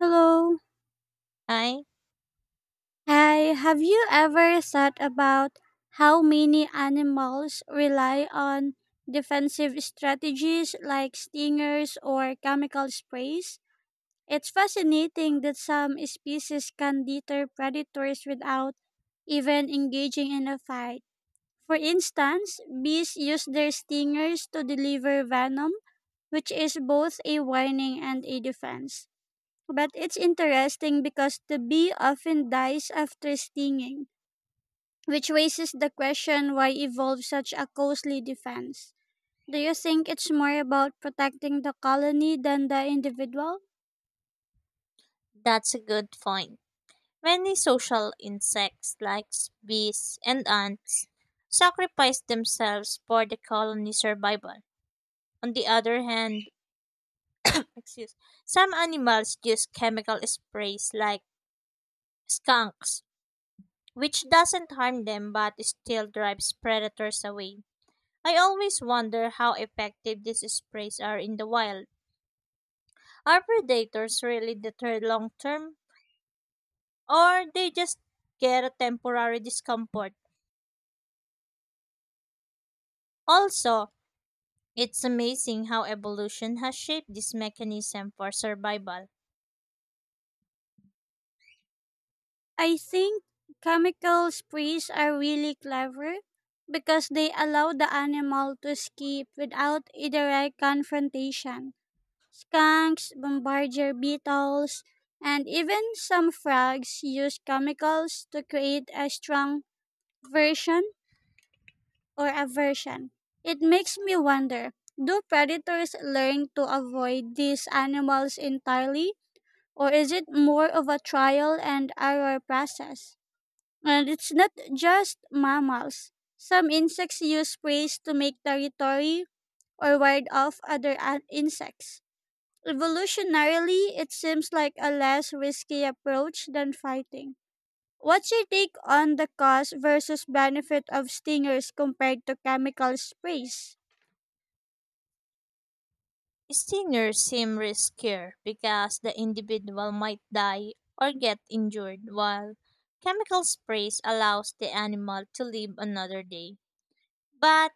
Hello. Ay, Hi. Have you ever thought about how many animals rely on defensive strategies like stingers or chemical sprays? It's fascinating that some species can deter predators without even engaging in a fight. For instance, bees use their stingers to deliver venom, which is both a warning and a defense. But it's interesting because the bee often dies after stinging, which raises the question, why evolve such a costly defense? Do you think it's more about protecting the colony than the individual? that's a good point. Many social insects like bees and ants sacrifice themselves for the colony's survival. On the other hand, excuse, some animals use chemical sprays like skunks, which doesn't harm them but still drives predators away. I always wonder how effective these sprays are in the wild. Are predators really deterred long term, or they just get a temporary discomfort? Also, it's amazing how evolution has shaped this mechanism for survival. I think chemical sprays are really clever because they allow the animal to escape without a direct confrontation. Skunks, bombardier beetles, and even some frogs use chemicals to create a strong version or aversion. It makes me wonder, do predators learn to avoid these animals entirely, or is it more of a trial and error process? And it's not just mammals. Some insects use preys to make territory or ward off other insects. Evolutionarily, it seems like a less risky approach than fighting. What's your take on the cost versus benefit of stingers compared to chemical sprays? Stingers seem riskier because the individual might die or get injured, while chemical sprays allows the animal to live another day. But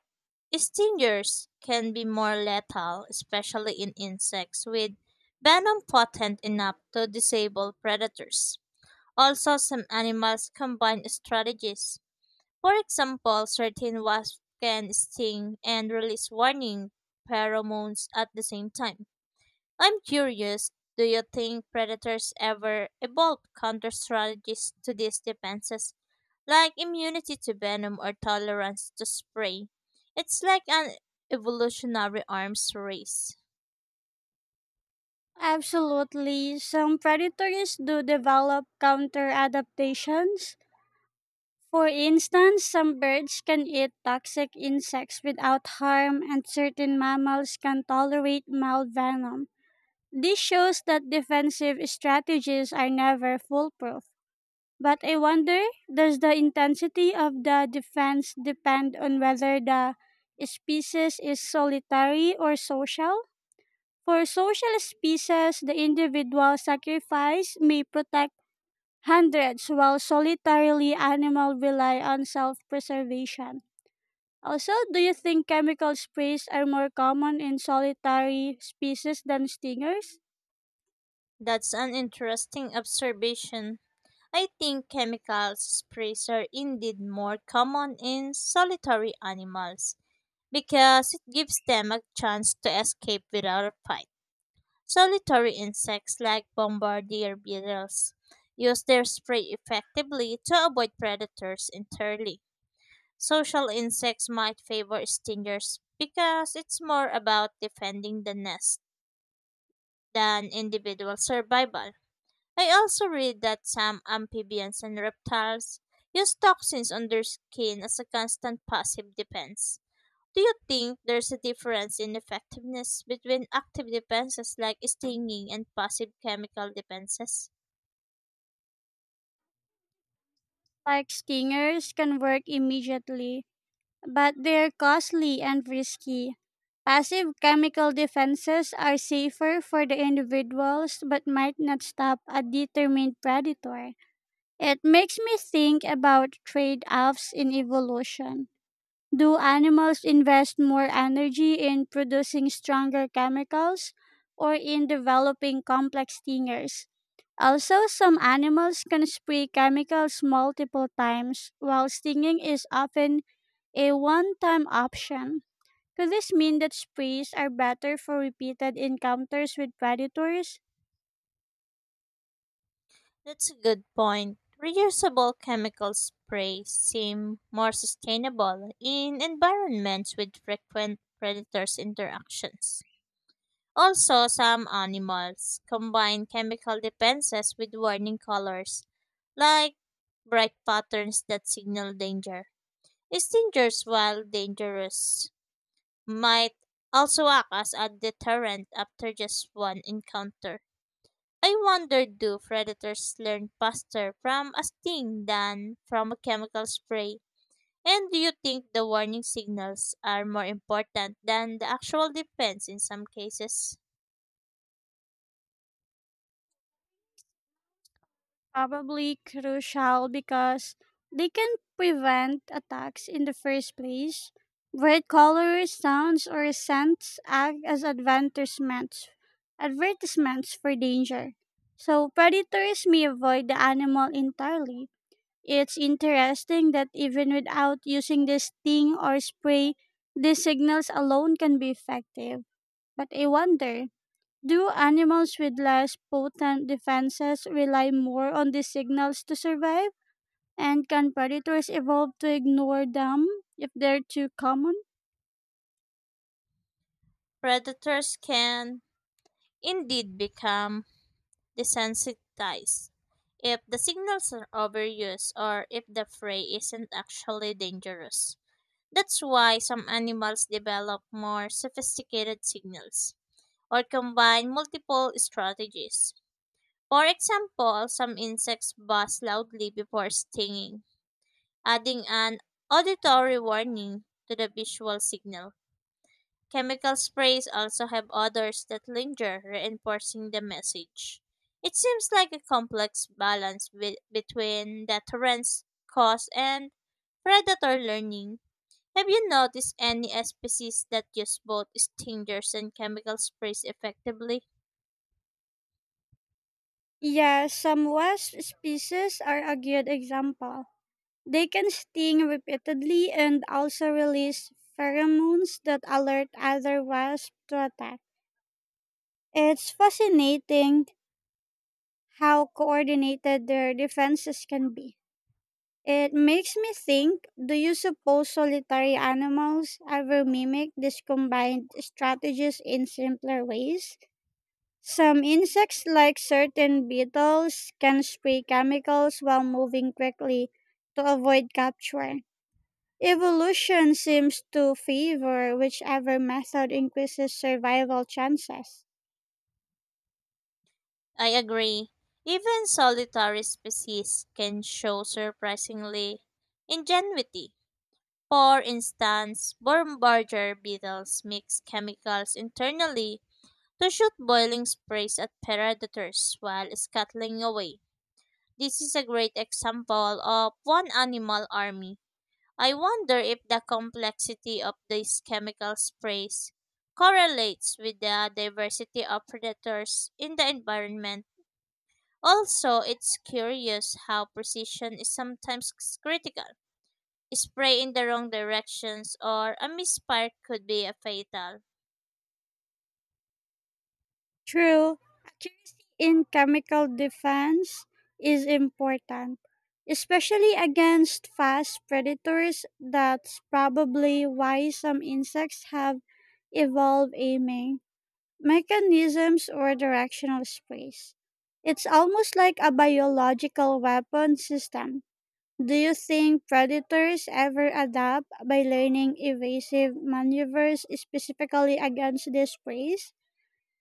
stingers can be more lethal, especially in insects with venom potent enough to disable predators. Also, some animals combine strategies. For example, certain wasps can sting and release warning pheromones at the same time. I'm curious, do you think predators ever evolve counter strategies to these defenses, like immunity to venom or tolerance to spray? It's like an evolutionary arms race. Absolutely. Some predators do develop counter adaptations. For instance, some birds can eat toxic insects without harm, and certain mammals can tolerate mild venom. This shows that defensive strategies are never foolproof. But I wonder, does the intensity of the defense depend on whether the species is solitary or social? For social species, the individual sacrifice may protect hundreds, while solitarily animals rely on self preservation. Also, do you think chemical sprays are more common in solitary species than stingers? That's an interesting observation. I think chemical sprays are indeed more common in solitary animals because it gives them a chance to escape without a fight. Solitary insects like bombardier beetles use their spray effectively to avoid predators entirely. Social insects might favor stingers because it's more about defending the nest than individual survival. I also read that some amphibians and reptiles use toxins on their skin as a constant passive defense. Do you think there's a difference in effectiveness between active defenses like stinging and passive chemical defenses? Like stingers can work immediately, but they're costly and risky. Passive chemical defenses are safer for the individuals but might not stop a determined predator. It makes me think about trade offs in evolution. Do animals invest more energy in producing stronger chemicals or in developing complex stingers? Also, some animals can spray chemicals multiple times, while stinging is often a one time option. Could this mean that sprays are better for repeated encounters with predators? That's a good point. Reusable chemical sprays seem more sustainable in environments with frequent predators interactions. Also, some animals combine chemical defenses with warning colors, like bright patterns that signal danger. Stingers, while dangerous, might also act as a deterrent after just one encounter. I wonder, do predators learn faster from a sting than from a chemical spray? And do you think the warning signals are more important than the actual defense in some cases? Probably crucial because they can prevent attacks in the first place. Bright colors, sounds, or scents act as advertisements for danger. So predators may avoid the animal entirely. It's interesting that even without using the sting or spray, these signals alone can be effective. But I wonder, do animals with less potent defenses rely more on these signals to survive? And can predators evolve to ignore them if they're too common? Predators can indeed become desensitized if the signals are overused or if the prey isn't actually dangerous. That's why some animals develop more sophisticated signals or combine multiple strategies. For example, some insects buzz loudly before stinging, adding an auditory warning to the visual signal. Chemical sprays also have odors that linger, reinforcing the message. It seems like a complex balance between deterrence, cost, and predator learning. Have you noticed any species that use both stingers and chemical sprays effectively? Yeah, some wasp species are a good example. They can sting repeatedly and also release pheromones that alert other wasps to attack. It's fascinating how coordinated their defenses can be. It makes me think, do you suppose solitary animals ever mimic these combined strategies in simpler ways? Some insects, like certain beetles, can spray chemicals while moving quickly to avoid capture. Evolution seems to favor whichever method increases survival chances. I agree. Even solitary species can show surprisingly ingenuity. For instance, worm barger beetles mix chemicals internally to shoot boiling sprays at predators while scuttling away. This is a great example of one animal army. I wonder if the complexity of these chemical sprays correlates with the diversity of predators in the environment. Also, it's curious how precision is sometimes critical. Spray in the wrong directions or a misfire could be a fatal. True, accuracy in chemical defense is important, especially against fast predators. That's probably why some insects have evolved aiming mechanisms or directional space. It's almost like a biological weapon system. Do you think predators ever adapt by learning evasive maneuvers specifically against this prey?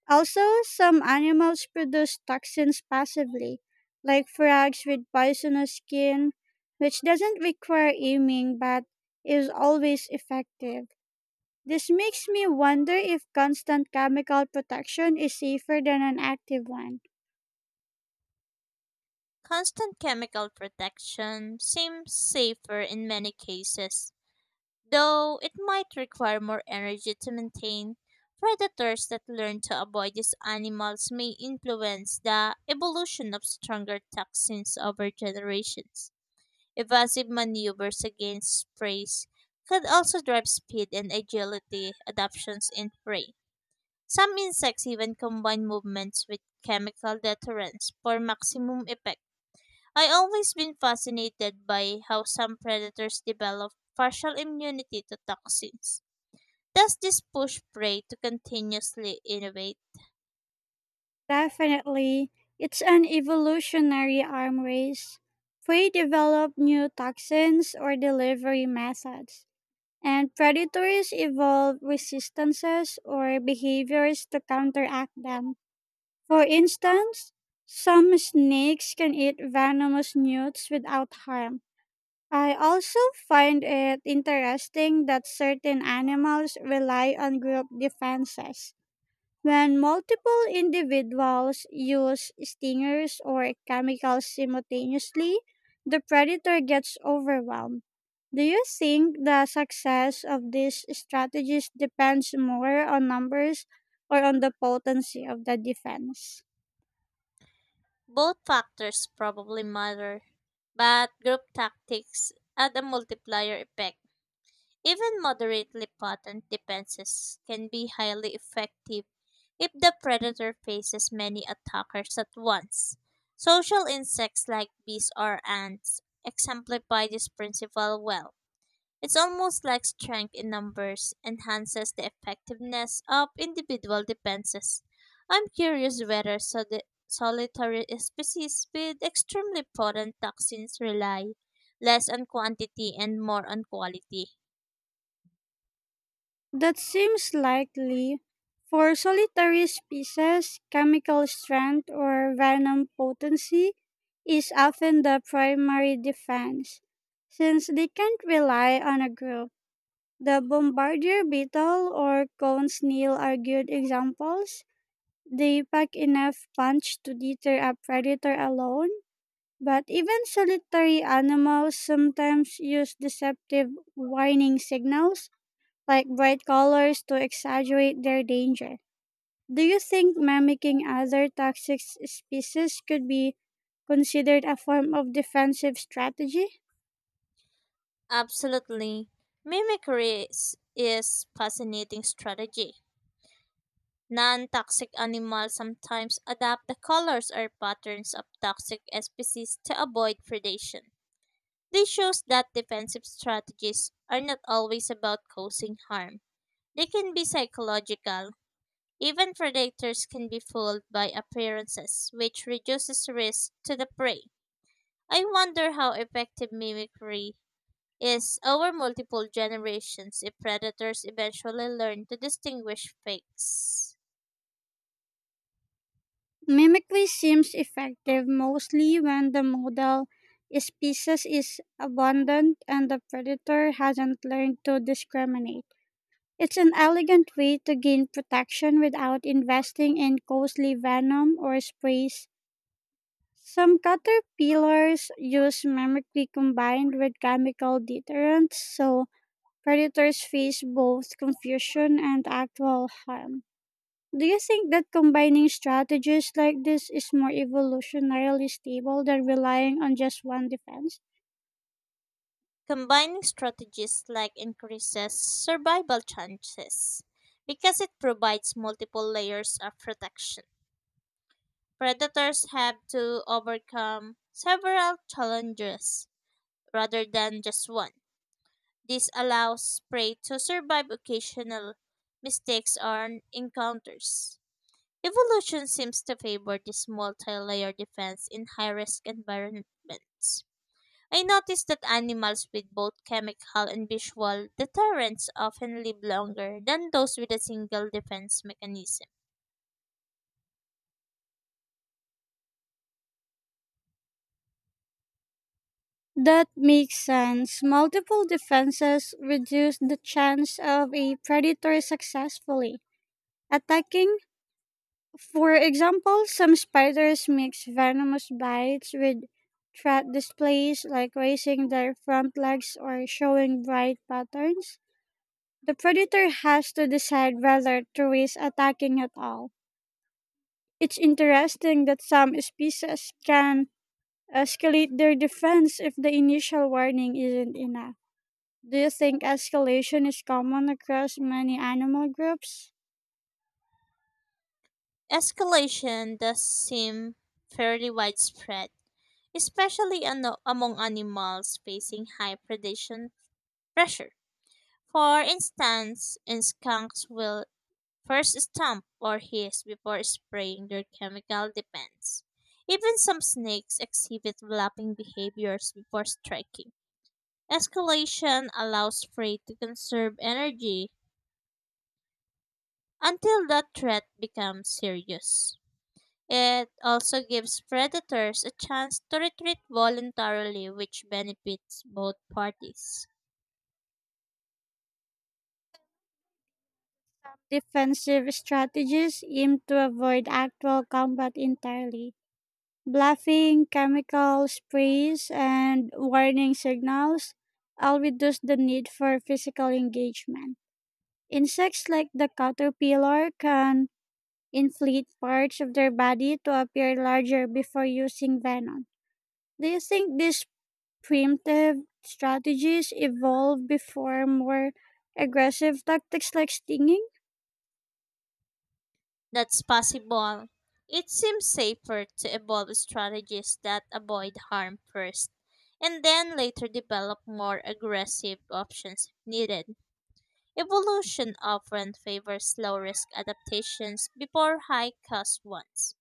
Also, some animals produce toxins passively, like frogs with poisonous skin, which doesn't require aiming but is always effective. This makes me wonder if constant chemical protection is safer than an active one. Constant chemical protection seems safer in many cases, though it might require more energy to maintain. Predators that learn to avoid these animals may influence the evolution of stronger toxins over generations. Evasive maneuvers against preys could also drive speed and agility adaptations in prey. Some insects even combine movements with chemical deterrence for maximum effect. I always been fascinated by how some predators develop partial immunity to toxins. Does this push Prey to continuously innovate? Definitely, it's an evolutionary arm race. Prey develop new toxins or delivery methods, and predators evolve resistances or behaviors to counteract them. For instance, some snakes can eat venomous newts without harm. I also find it interesting that certain animals rely on group defenses. When multiple individuals use stingers or chemicals simultaneously, the predator gets overwhelmed. Do you think the success of these strategies depends more on numbers or on the potency of the defense? Both factors probably matter, but group tactics add a multiplier effect. Even moderately potent defenses can be highly effective if the predator faces many attackers at once. Social insects like bees or ants exemplify this principle well. It's almost like strength in numbers enhances the effectiveness of individual defenses. I'm curious whether solitary species with extremely potent toxins rely less on quantity and more on quality. That seems likely. For solitary species, chemical strength or venom potency is often the primary defense. Since they can't rely on a group, the bombardier beetle or cone snail are good examples. They pack enough punch to deter a predator alone, but even solitary animals sometimes use deceptive warning signals like bright colors to exaggerate their danger. Do you think mimicking other toxic species could be considered a form of defensive strategy? Absolutely. Mimicry is fascinating strategy. Non-toxic animals sometimes adapt the colors or patterns of toxic species to avoid predation. This shows that defensive strategies are not always about causing harm. They can be psychological. Even predators can be fooled by appearances, which reduces risk to the prey. I wonder how effective mimicry is over multiple generations if predators eventually learn to distinguish fakes. Mimicry seems effective mostly when the model species is abundant and the predator hasn't learned to discriminate. It's an elegant way to gain protection without investing in costly venom or sprays. Some caterpillars use mimicry combined with chemical deterrents, so predators face both confusion and actual harm. Do you think that combining strategies like this is more evolutionarily stable than relying on just one defense? Combining strategies like increases survival chances because it provides multiple layers of protection. Predators have to overcome several challenges rather than just one. This allows prey to survive occasional mistakes or encounters. Evolution seems to favor this multi layer defense in high risk environments. I noticed that animals with both chemical and visual deterrents often live longer than those with a single defense mechanism. That makes sense. Multiple defenses reduce the chance of a predator successfully attacking. For example, some spiders mix venomous bites with threat displays like raising their front legs or showing bright patterns. The predator has to decide whether to risk attacking at all. It's interesting that some species can escalate their defense if the initial warning isn't enough. Do you think escalation is common across many animal groups? Escalation does seem fairly widespread, especially among animals facing high predation pressure. For instance, in skunks will first stomp or hiss before spraying their chemical defense. Even some snakes exhibit lapping behaviors before striking. Escalation allows prey to conserve energy until the threat becomes serious. It also gives predators a chance to retreat voluntarily, which benefits both parties. Defensive strategies aim to avoid actual combat entirely. Bluffing, chemical sprays, and warning signals all reduce the need for physical engagement. Insects like the caterpillar can inflate parts of their body to appear larger before using venom. Do you think these primitive strategies evolved before more aggressive tactics like stinging? That's possible. It seems safer to evolve strategies that avoid harm first, and then later develop more aggressive options if needed. Evolution often favors low risk adaptations before high cost ones.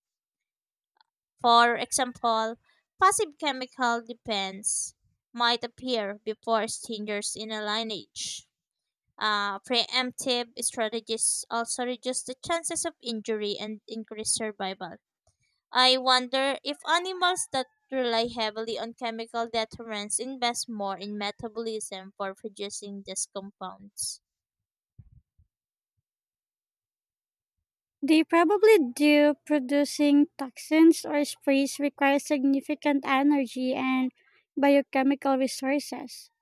For example, passive chemical defense might appear before strangers in a lineage. Preemptive strategies also reduce the chances of injury and increase survival. I wonder if animals that rely heavily on chemical deterrence invest more in metabolism for producing these compounds. They probably do. Producing toxins or sprays requires significant energy and biochemical resources.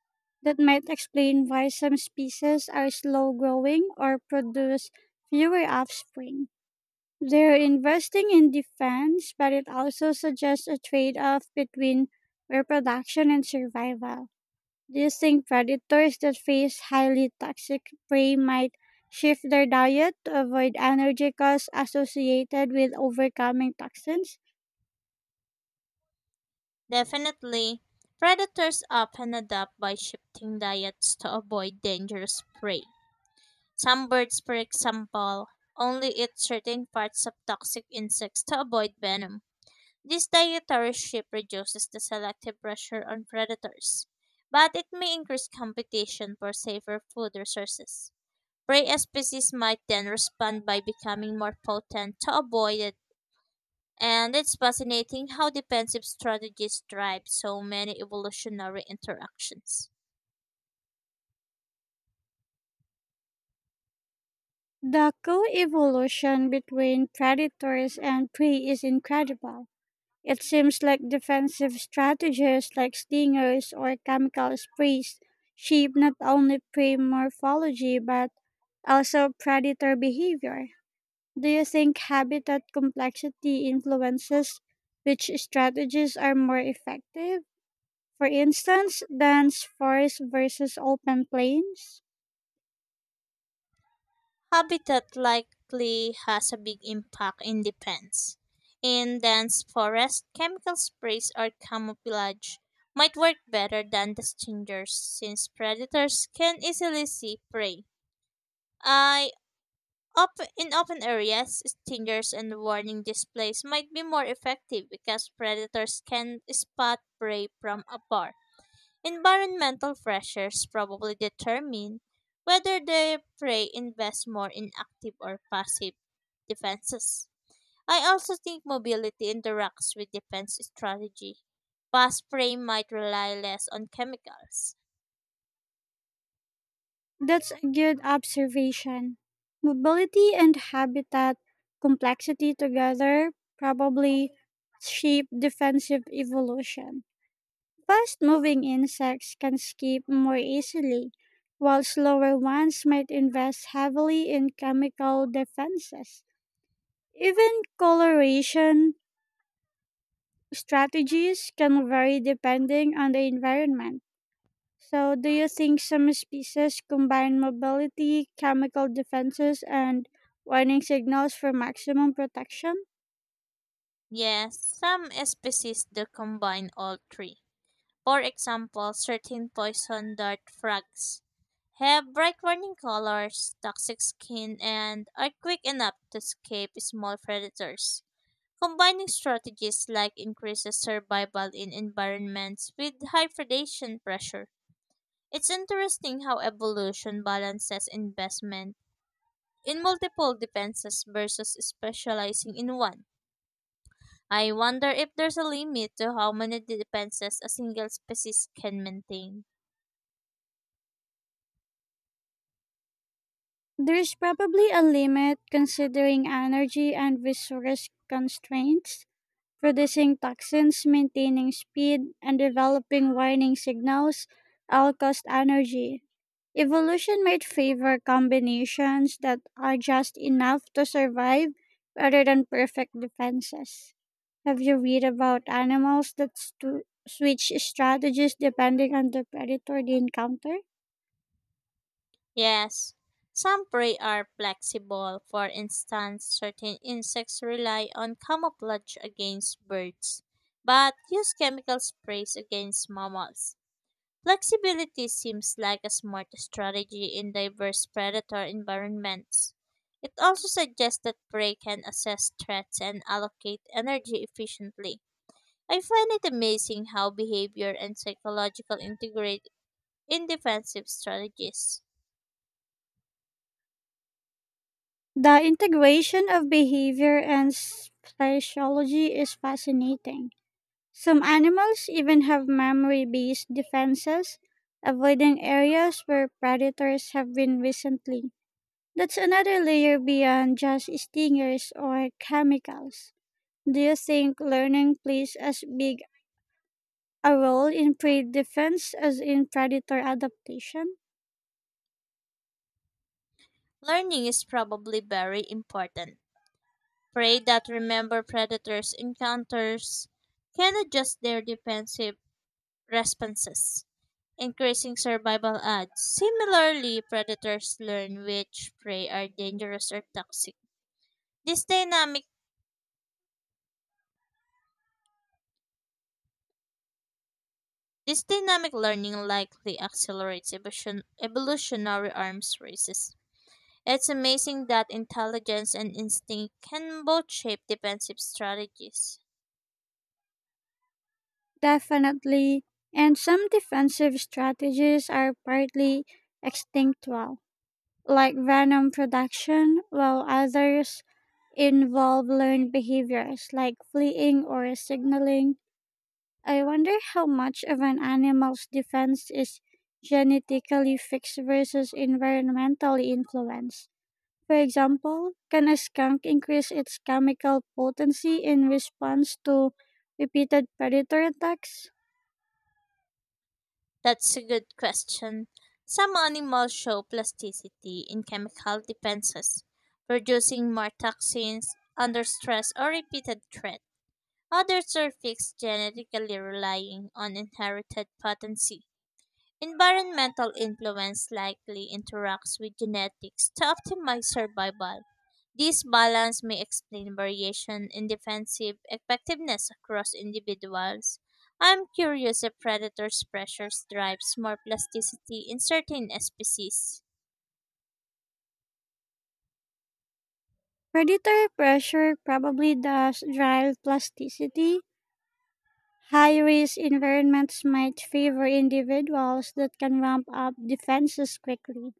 That might explain why some species are slow growing or produce fewer offspring. They're investing in defense, but it also suggests a trade off between reproduction and survival. Do you think predators that face highly toxic prey might shift their diet to avoid energy costs associated with overcoming toxins? Definitely, predators often adapt by shifting diets to avoid dangerous prey. Some birds, for example, only eat certain parts of toxic insects to avoid venom. This dietary shift reduces the selective pressure on predators, but it may increase competition for safer food resources. Prey species might then respond by becoming more potent to avoid it, and it's fascinating how defensive strategies drive so many evolutionary interactions. The co-evolution between predators and prey is incredible. It seems like defensive strategies like stingers or chemical sprays shape not only prey morphology but also predator behavior. Do you think habitat complexity influences which strategies are more effective? For instance, dense forests versus open plains? Habitat likely has a big impact in defense. In dense forest, chemical sprays or camouflage might work better than distingers since predators can easily see prey. I up In open areas, stingers and warning displays might be more effective because predators can spot prey from afar. Environmental pressures probably determine whether the prey invests more in active or passive defenses. I also think mobility interacts with defense strategy. Fast prey might rely less on chemicals. That's a good observation. Mobility and habitat complexity together probably shape defensive evolution. Fast moving insects can escape more easily, while slower ones might invest heavily in chemical defenses. Even coloration strategies can vary depending on the environment. So, do you think some species combine mobility, chemical defenses, and warning signals for maximum protection? Yes, some species do combine all three. For example, certain poison dart frogs have bright warning colors, toxic skin, and are quick enough to escape small predators. Combining strategies like increases survival in environments with high predation pressure. It's interesting how evolution balances investment in multiple defenses versus specializing in one. I wonder if there's a limit to how many defenses a single species can maintain. There is probably a limit considering energy and resource constraints. Producing toxins, maintaining speed, and developing warning signals all cost energy. Evolution might favor combinations that are just enough to survive rather than perfect defenses. Have you read about animals that switch strategies depending on the predator they encounter? Yes, some prey are flexible. For instance, certain insects rely on camouflage against birds, but use chemical sprays against mammals. Flexibility seems like a smart strategy in diverse predator environments. It also suggests that prey can assess threats and allocate energy efficiently. I find it amazing how behavior and psychological integrate in defensive strategies. The integration of behavior and speciology is fascinating. Some animals even have memory based defenses, avoiding areas where predators have been recently. That's another layer beyond just stingers or chemicals. Do you think learning plays as big a role in prey defense as in predator adaptation? Learning is probably very important. Prey that remember predators' encounters can adjust their defensive responses, increasing survival odds. Similarly, predators learn which prey are dangerous or toxic. This dynamic this dynamic learning likely accelerates evolution, evolutionary arms races. It's amazing that intelligence and instinct can both shape defensive strategies. Definitely. And some defensive strategies are partly extinctual, like venom production, while others involve learned behaviors like fleeing or signaling. I wonder how much of an animal's defense is genetically fixed versus environmentally influenced. For example, can a skunk increase its chemical potency in response to repeated predator attacks? That's a good question. Some animals show plasticity in chemical defenses, producing more toxins under stress or repeated threat. Others are fixed genetically relying on inherited potency. Environmental influence likely interacts with genetics to optimize survival. This balance may explain variation in defensive effectiveness across individuals. I'm curious if predators' pressures drives more plasticity in certain species. Predatory pressure probably does drive plasticity. High risk environments might favor individuals that can ramp up defenses quickly.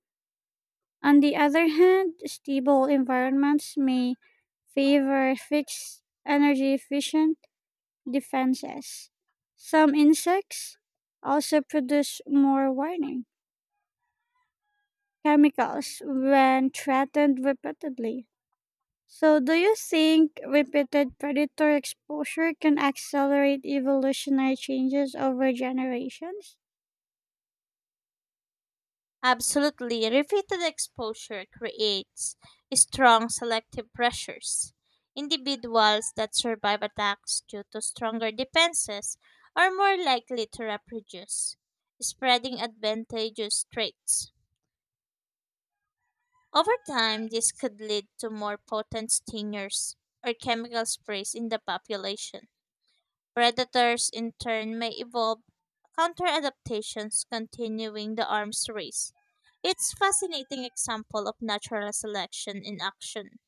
On the other hand, stable environments may favor fixed energy efficient defenses. Some insects also produce more warning chemicals when threatened repeatedly. So, do you think repeated predator exposure can accelerate evolutionary changes over generations? Absolutely. Repeated exposure creates strong selective pressures. Individuals that survive attacks due to stronger defenses are more likely to reproduce, spreading advantageous traits. Over time, this could lead to more potent stingers or chemical sprays in the population. Predators, in turn, may evolve counter adaptations, continuing the arms race. It's fascinating example of natural selection in action.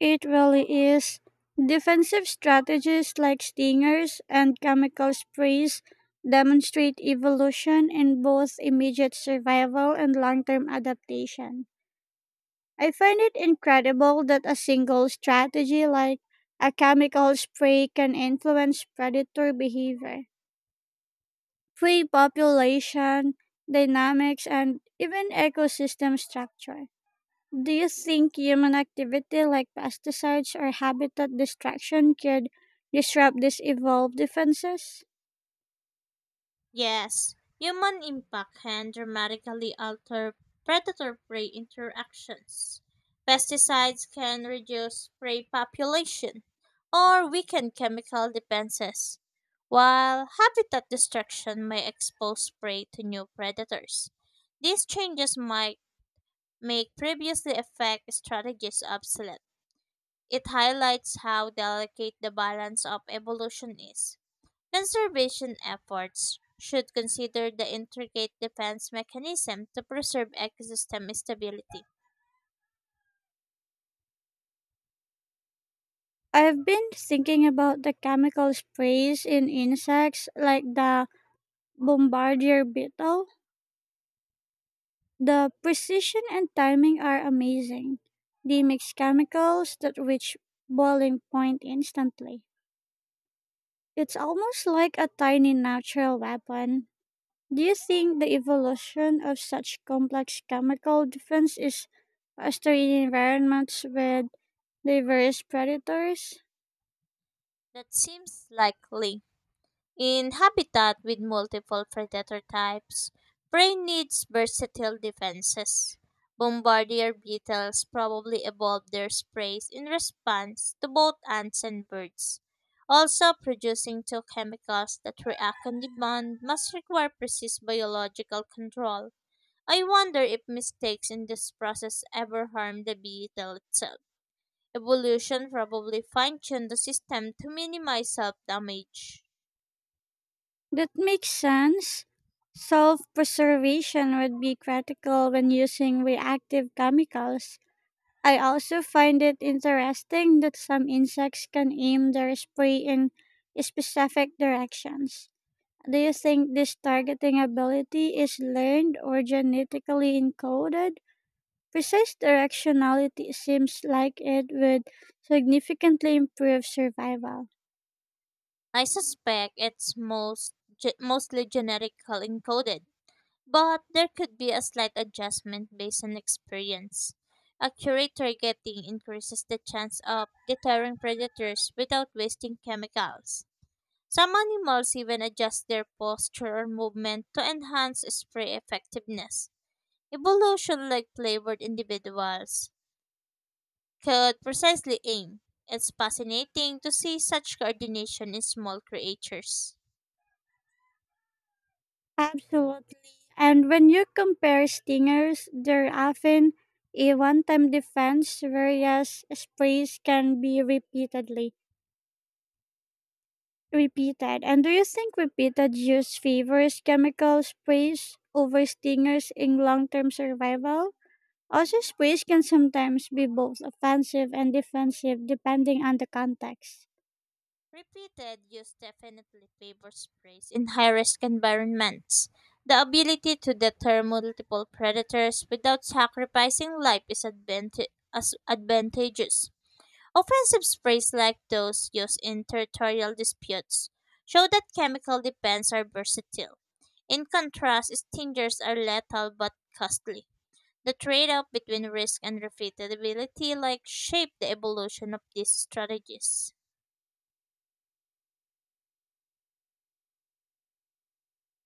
It really is. Defensive strategies like stingers and chemical sprays demonstrate evolution in both immediate survival and long term adaptation. I find it incredible that a single strategy like a chemical spray can influence predator behavior, prey population dynamics, and even ecosystem structure. Do you think human activity like pesticides or habitat destruction could disrupt these evolved defenses? Yes, human impact can dramatically alter predator-prey interactions. Pesticides can reduce prey population or weaken chemical defenses, while habitat destruction may expose prey to new predators. These changes might make previously effective strategies obsolete. It highlights how delicate the balance of evolution is. Conservation efforts should consider the intricate defense mechanism to preserve ecosystem stability. I've been thinking about the chemical sprays in insects like the bombardier beetle. The precision and timing are amazing. They mix chemicals that reach boiling point instantly. It's almost like a tiny natural weapon. Do you think the evolution of such complex chemical defense is faster in environments with diverse predators? That seems likely. In habitat with multiple predator types, prey needs versatile defenses. Bombardier beetles probably evolved their sprays in response to both ants and birds. Also, producing two chemicals that react on demand must require precise biological control. I wonder if mistakes in this process ever harm the beetle itself. Evolution probably fine tuned the system to minimize self damage. That makes sense. Self preservation would be critical when using reactive chemicals. I also find it interesting that some insects can aim their spray in specific directions. Do you think this targeting ability is learned or genetically encoded? Precise directionality seems like it would significantly improve survival. I suspect it's most mostly genetically encoded, but there could be a slight adjustment based on experience. Accurate targeting increases the chance of deterring predators without wasting chemicals. Some animals even adjust their posture or movement to enhance spray effectiveness. Evolution like flavored individuals could precisely aim. It's fascinating to see such coordination in small creatures. Absolutely. And when you compare stingers, they're often a one-time defense, whereas sprays can be repeated. And do you think repeated use favors chemical sprays over stingers in long-term survival? Also, sprays can sometimes be both offensive and defensive depending on the context. Repeated use definitely favors praise in high risk environments. The ability to deter multiple predators without sacrificing life is as advantageous. Offensive sprays like those used in territorial disputes show that chemical defense are versatile. In contrast, stingers are lethal but costly. The trade off between risk and repeatability like shaped the evolution of these strategies.